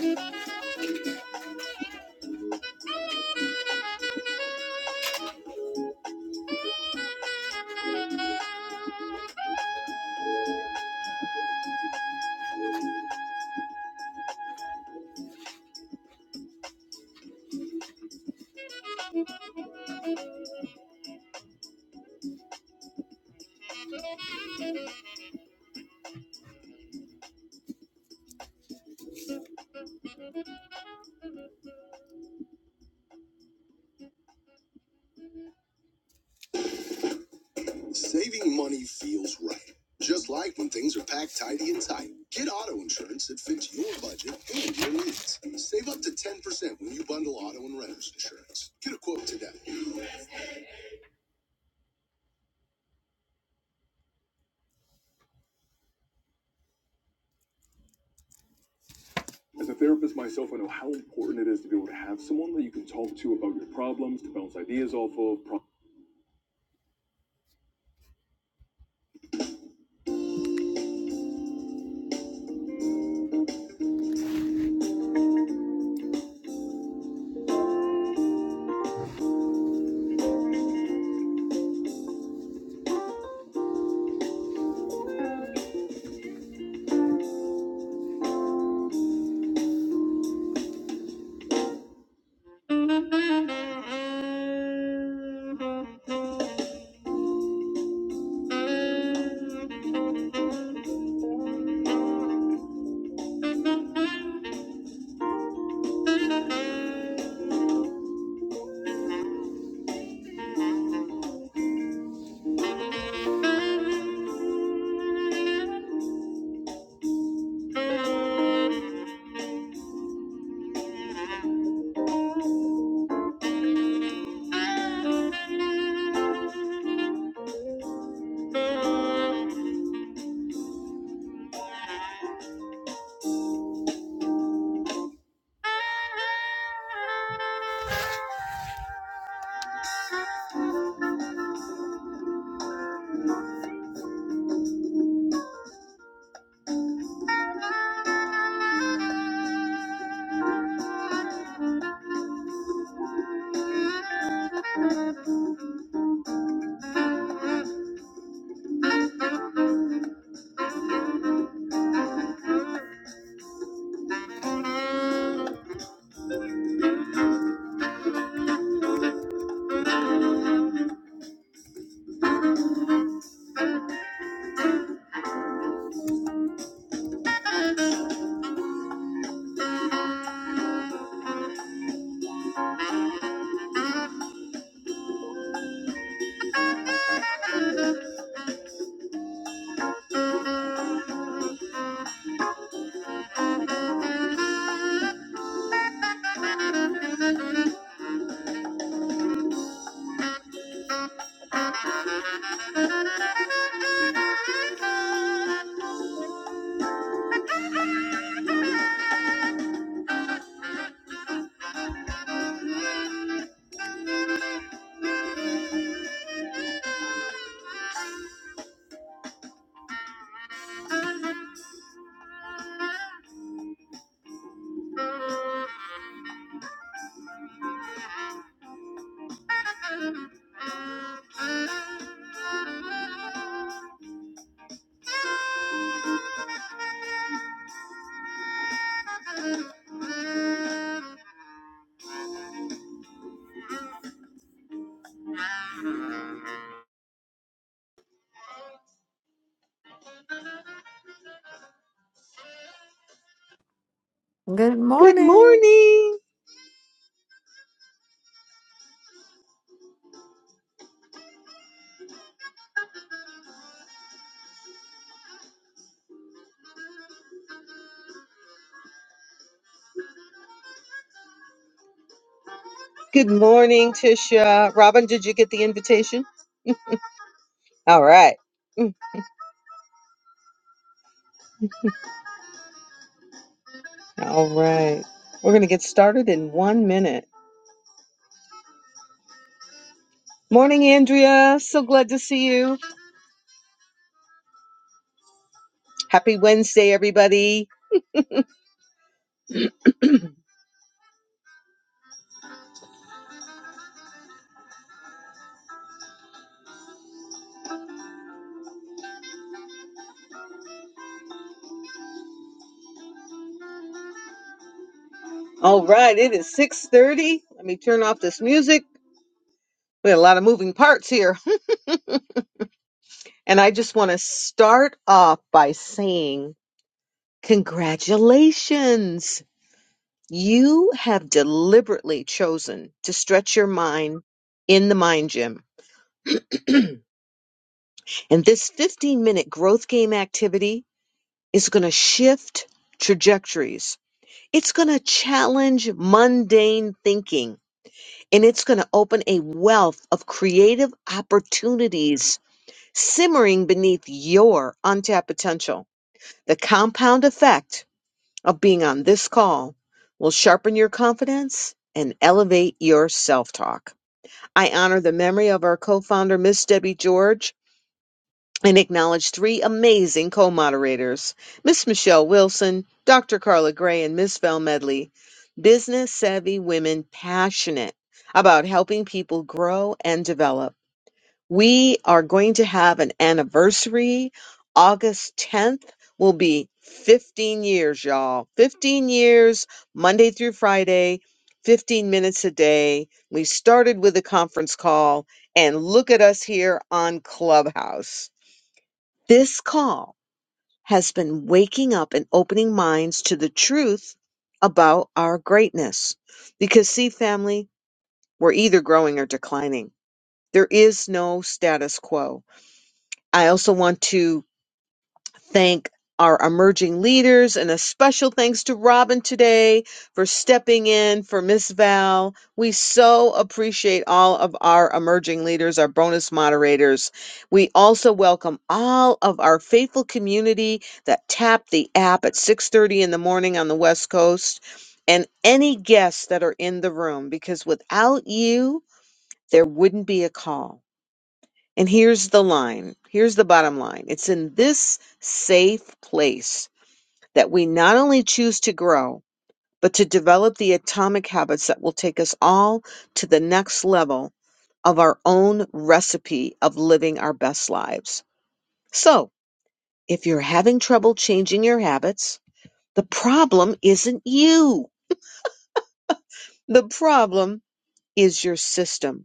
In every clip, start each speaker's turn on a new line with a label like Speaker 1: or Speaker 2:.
Speaker 1: Thank you.
Speaker 2: Good
Speaker 1: Good
Speaker 2: morning.
Speaker 1: morning. Good morning, Tisha. Robin, did you get the invitation? All right. Mm, All right. We're going to get started in one minute. Morning, Andrea. So glad to see you. Happy Wednesday, everybody. All right, it is 6:30. Let me turn off this music. We had a lot of moving parts here. And I just want to start off by saying congratulations. You have deliberately chosen to stretch your mind in the mind gym. And this 15 minute growth game activity is going to shift trajectories. It's going to challenge mundane thinking and it's going to open a wealth of creative opportunities simmering beneath your untapped potential. The compound effect of being on this call will sharpen your confidence and elevate your self talk. I honor the memory of our co founder, Miss Debbie George, and acknowledge three amazing co-moderators, Miss Michelle Wilson, Dr. Carla Gray, and Miss Val Medley, business savvy women passionate about helping people grow and develop. We are going to have an anniversary. August 10th will be 15 years, y'all. 15 years, Monday through Friday, 15 minutes a day. We started with a conference call, and look at us here on Clubhouse. This call has been waking up and opening minds to the truth about our greatness. Because, see, family, we're either growing or declining. There is no status quo. I also want to thank our emerging leaders and a special thanks to Robin today for stepping in for Miss Val. We so appreciate all of our emerging leaders, our bonus moderators. We also welcome all of our faithful community that tap the app at 6:30 in the morning on the West Coast and any guests that are in the room because without you there wouldn't be a call. And here's the line. Here's the bottom line. It's in this safe place that we not only choose to grow, but to develop the atomic habits that will take us all to the next level of our own recipe of living our best lives. So, if you're having trouble changing your habits, the problem isn't you. The problem is your system.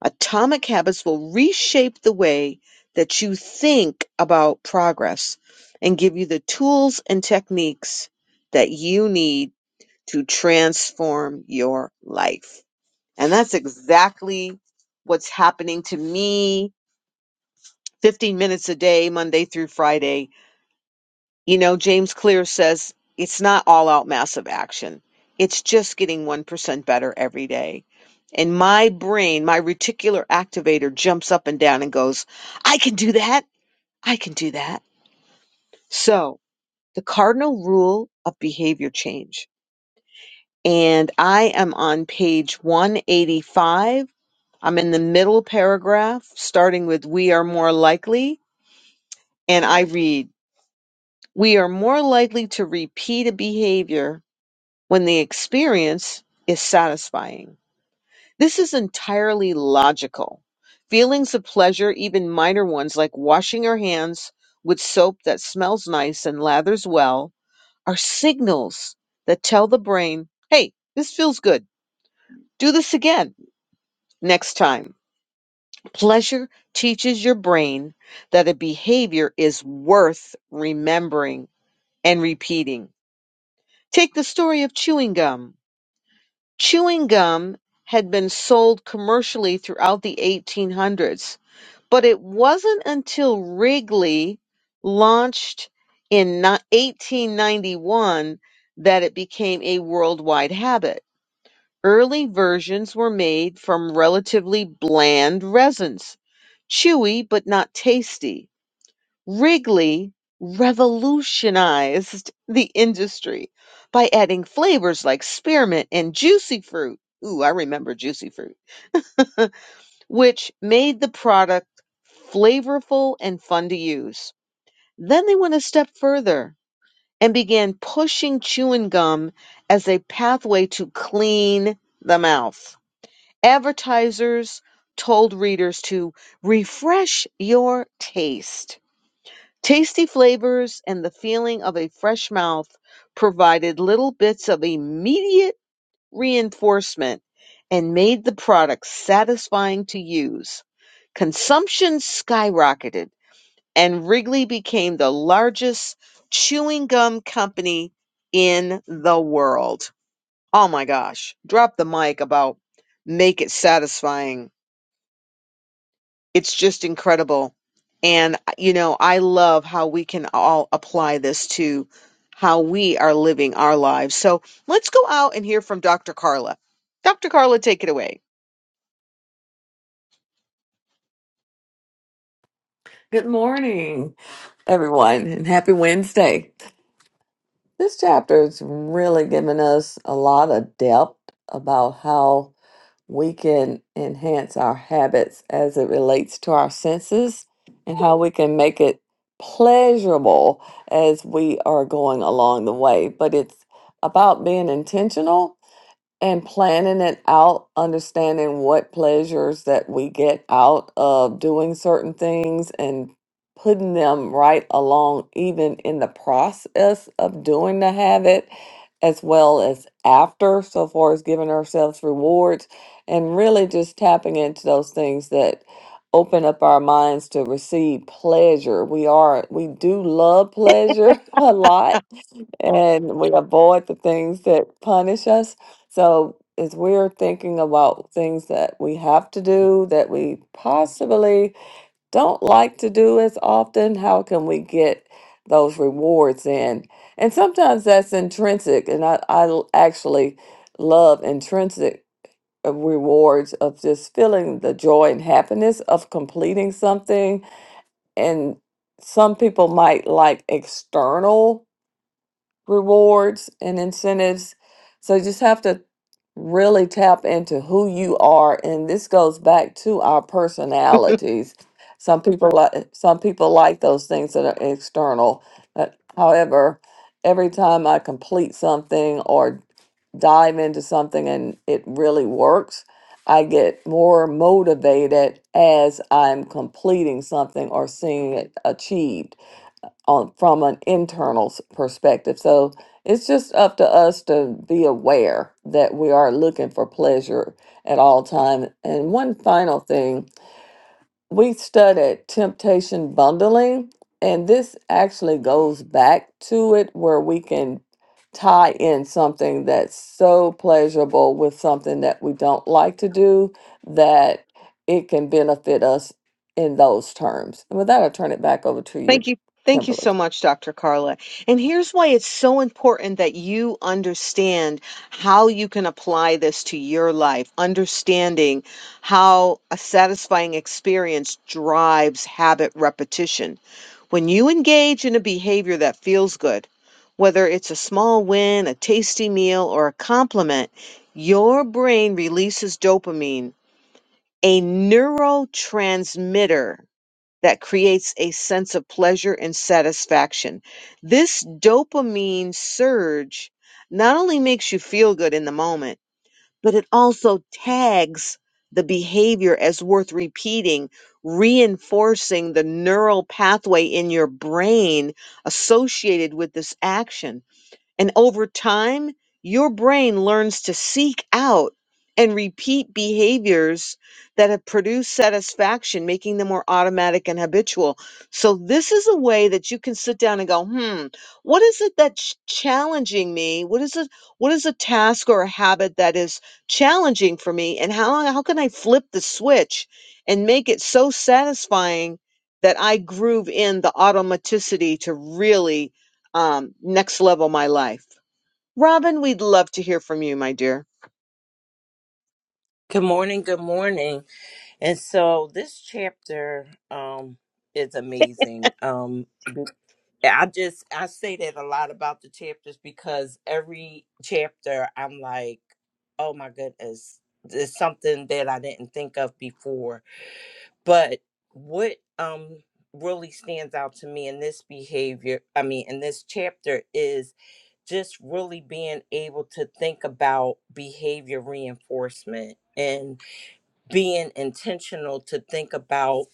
Speaker 1: Atomic habits will reshape the way that you think about progress and give you the tools and techniques that you need to transform your life. And that's exactly what's happening to me 15 minutes a day, Monday through Friday you know, James Clear says it's not all out massive action. It's just getting 1% better every day. And my brain, my reticular activator jumps up and down and goes, I can do that. I can do that. So the cardinal rule of behavior change. And I am on page 185. I'm in the middle paragraph, starting with we are more likely. And I read, we are more likely to repeat a behavior when the experience is satisfying. This is entirely logical. Feelings of pleasure, even minor ones like washing your hands with soap that smells nice and lathers well, are signals that tell the brain, hey, this feels good. Do this again next time. Pleasure teaches your brain that a behavior is worth remembering and repeating. Take the story of chewing gum. Chewing gum had been sold commercially throughout the eighteen hundreds, but it wasn't until Wrigley launched in ni- 1891 that it became a worldwide habit. Early versions were made from relatively bland resins, chewy but not tasty. Wrigley revolutionized the industry by adding flavors like spearmint and juicy fruit. Ooh, I remember juicy fruit, which made the product flavorful and fun to use. Then they went a step further and began pushing chewing gum as a pathway to clean the mouth. Advertisers told readers to refresh your taste Tasty flavors and the feeling of a fresh mouth provided little bits of immediate reinforcement and made the product satisfying to use. Consumption skyrocketed, and Wrigley became the largest chewing gum company in the world. Oh my gosh, drop the mic about make it satisfying. It's just incredible. And, you know, I love how we can all apply this to how we are living our lives. So let's go out and hear from Dr. Carla. Dr. Carla, take it away.
Speaker 2: Good morning, everyone, and happy Wednesday. This chapter is really giving us a lot of depth about how we can enhance our habits as it relates to our senses and how we can make it pleasurable as we are going along the way. But it's about being intentional and planning it out, understanding what pleasures that we get out of doing certain things and putting them right along, even in the process of doing the habit, as well as after, so far as giving ourselves rewards and really just tapping into those things that open up our minds to receive pleasure. We are, we do love pleasure a lot and we avoid the things that punish us. So, as we're thinking about things that we have to do that we possibly don't like to do as often, how can we get those rewards in? And sometimes that's intrinsic, and I, I l- actually love intrinsic uh, rewards of just feeling the joy and happiness of completing something and some people might like external rewards and incentives. So you just have to really tap into who you are and this goes back to our personalities. Some people like some people like those things that are external. But however, every time I complete something or dive into something and it really works, I get more motivated as I'm completing something or seeing it achieved on from an internal s- perspective. So it's just up to us to be aware that we are looking for pleasure at all time. And one final thing we studied temptation bundling, and this actually goes back to it where we can tie in something that's so pleasurable with something that we don't like to do that it can benefit us in those terms. And with that, I'll turn it back over to you,
Speaker 1: Thank you. Thank you
Speaker 2: Kimberly.
Speaker 1: so much, Dr. Carla. And here's why it's so important that you understand how you can apply this to your life, understanding how a satisfying experience drives habit repetition. When you engage in a behavior that feels good, whether it's a small win, a tasty meal, or a compliment, your brain releases dopamine, a neurotransmitter that creates a sense of pleasure and satisfaction. This dopamine surge not only makes you feel good in the moment, but it also tags the behavior as worth repeating, reinforcing the neural pathway in your brain associated with this action and over time, your brain learns to seek out and repeat behaviors that have produced satisfaction, making them more automatic and habitual. So, this is a way that you can sit down and go, hmm, what is it that's challenging me? What is it? What is a task or a habit that is challenging for me? And how, how can I flip the switch and make it so satisfying that I groove in the automaticity to really? um, Next Level My Life. Robin, we'd love to hear from you, my dear.
Speaker 3: Good morning, good morning. And so this chapter um is amazing. Um I just I say that a lot about the chapters because every chapter I'm like, "Oh my goodness, there's something that I didn't think of before." But what um really stands out to me in this behavior, I mean in this chapter is just really being able to think about behavior reinforcement and being intentional to think about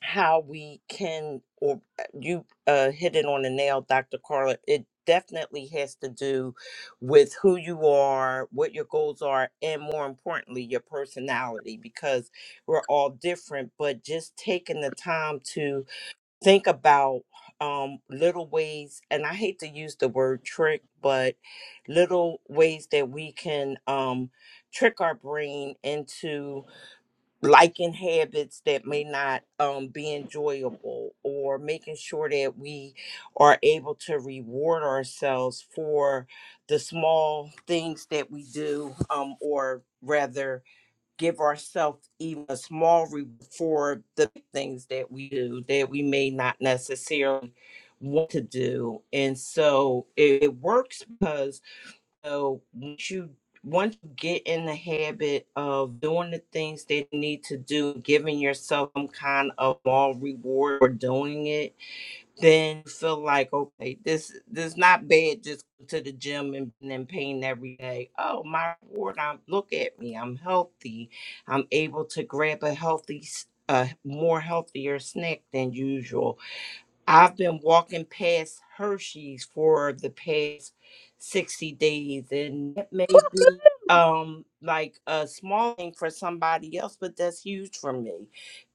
Speaker 3: how we can or uh, you uh, hit it on the nail dr carla it definitely has to do with who you are what your goals are and more importantly your personality because we're all different but just taking the time to think about um, little ways and i hate to use the word trick but little ways that we can um, trick our brain into liking habits that may not um, be enjoyable or making sure that we are able to reward ourselves for the small things that we do um, or rather give ourselves even a small reward for the things that we do that we may not necessarily want to do and so it, it works because so once you once you get in the habit of doing the things that you need to do, giving yourself some kind of small reward for doing it, then you feel like okay, this this not bad. Just go to the gym and then pain every day. Oh my reward! I'm look at me. I'm healthy. I'm able to grab a healthy. s- A more healthier snack than usual. I've been walking past Hershey's for the past 60 days, and it may be um like a small thing for somebody else, but that's huge for me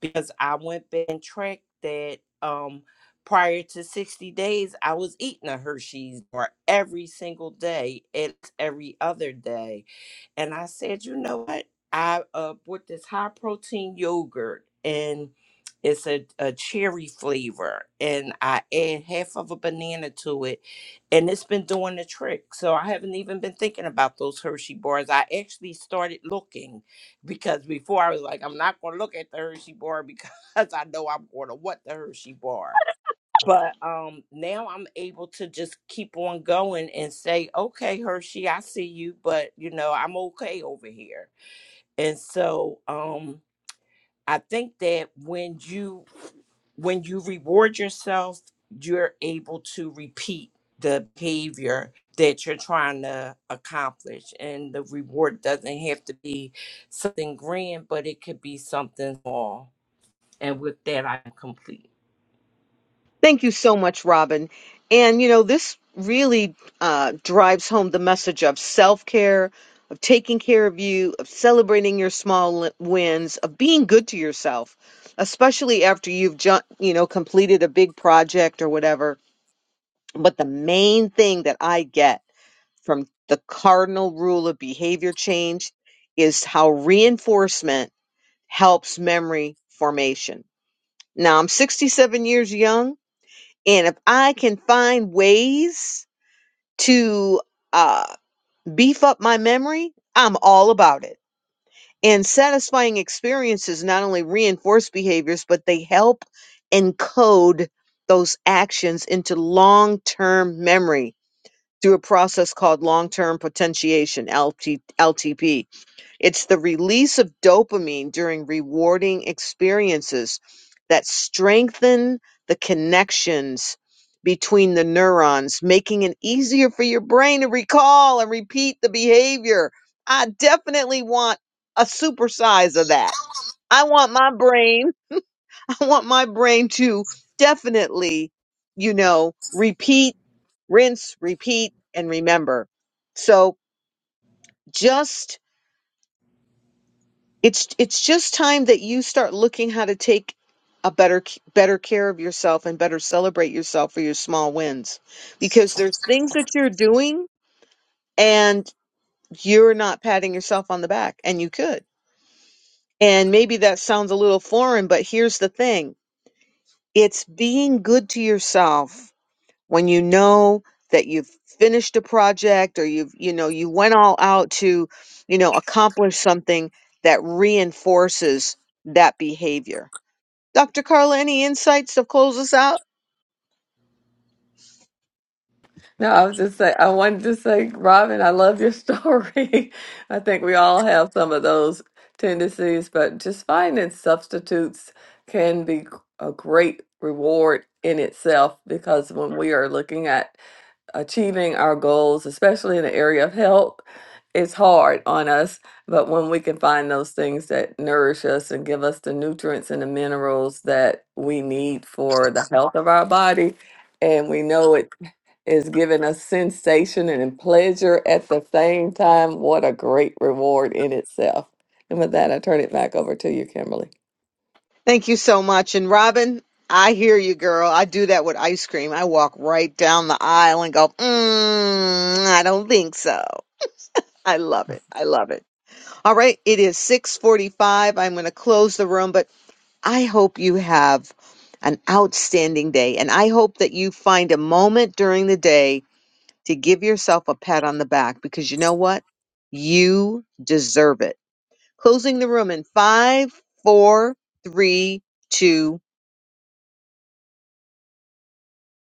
Speaker 3: because I went back and tracked that um prior to 60 days, I was eating a Hershey's bar every single day, it's every other day and I said, you know what? I uh, bought this high protein yogurt and it's a, a cherry flavor and I add half of a banana to it and it's been doing the trick. So I haven't even been thinking about those Hershey bars. I actually started looking because before I was like, I'm not going to look at the Hershey bar because I know I'm going to want the Hershey bar but um now i'm able to just keep on going and say okay hershey i see you but you know i'm okay over here and so um i think that when you when you reward yourself you're able to repeat the behavior that you're trying to accomplish and the reward doesn't have to be something grand but it could be something small and with that i'm complete
Speaker 1: Thank you so much, Robin. And you know, this really uh, drives home the message of self care, of taking care of you, of celebrating your small li- wins, of being good to yourself, especially after you've ju- you know completed a big project or whatever. But the main thing that I get from the cardinal rule of behavior change is how reinforcement helps memory formation. Now I'm 67 years young and if I can find ways to uh, beef up my memory, I'm all about it. And satisfying experiences not only reinforce behaviors, but they help encode those actions into long term memory through a process called long term potentiation, LT, LTP it's the release of dopamine during rewarding experiences that strengthen the connections between the neurons, making it easier for your brain to recall and repeat the behavior. I definitely want a supersize of that. I want my brain, I want my brain to definitely, you know, repeat, rinse, repeat, and remember. So just it's it's just time that you start looking how to take a better c- better care of yourself and better celebrate yourself for your small wins because there's things that you're doing and you're not patting yourself on the back and you could and maybe that sounds a little foreign but here's the thing it's being good to yourself when you know that you've finished a project or you've you know you went all out to you know accomplish something that reinforces that behavior Dr. Carla, any insights to close us out?
Speaker 2: No, I was just say I wanted to say, Robin, I love your story. I think we all have some of those tendencies, but just finding substitutes can be a great reward in itself because when we are looking at achieving our goals, especially in the area of health, it's hard on us. But when we can find those things that nourish us and give us the nutrients and the minerals that we need for the health of our body, and we know it is giving us sensation and pleasure at the same time. What a great reward in itself. And with that, I turn it back over to you, Kimberly.
Speaker 1: Thank you so much. And Robin, I hear you, girl. I do that with ice cream. I walk right down the aisle and go, mm, I don't think so. I love it. I love it. All right. It is 645. I'm going to close the room, but I hope you have an outstanding day. And I hope that you find a moment during the day to give yourself a pat on the back because you know what? You deserve it. Closing the room in five, four, three, two,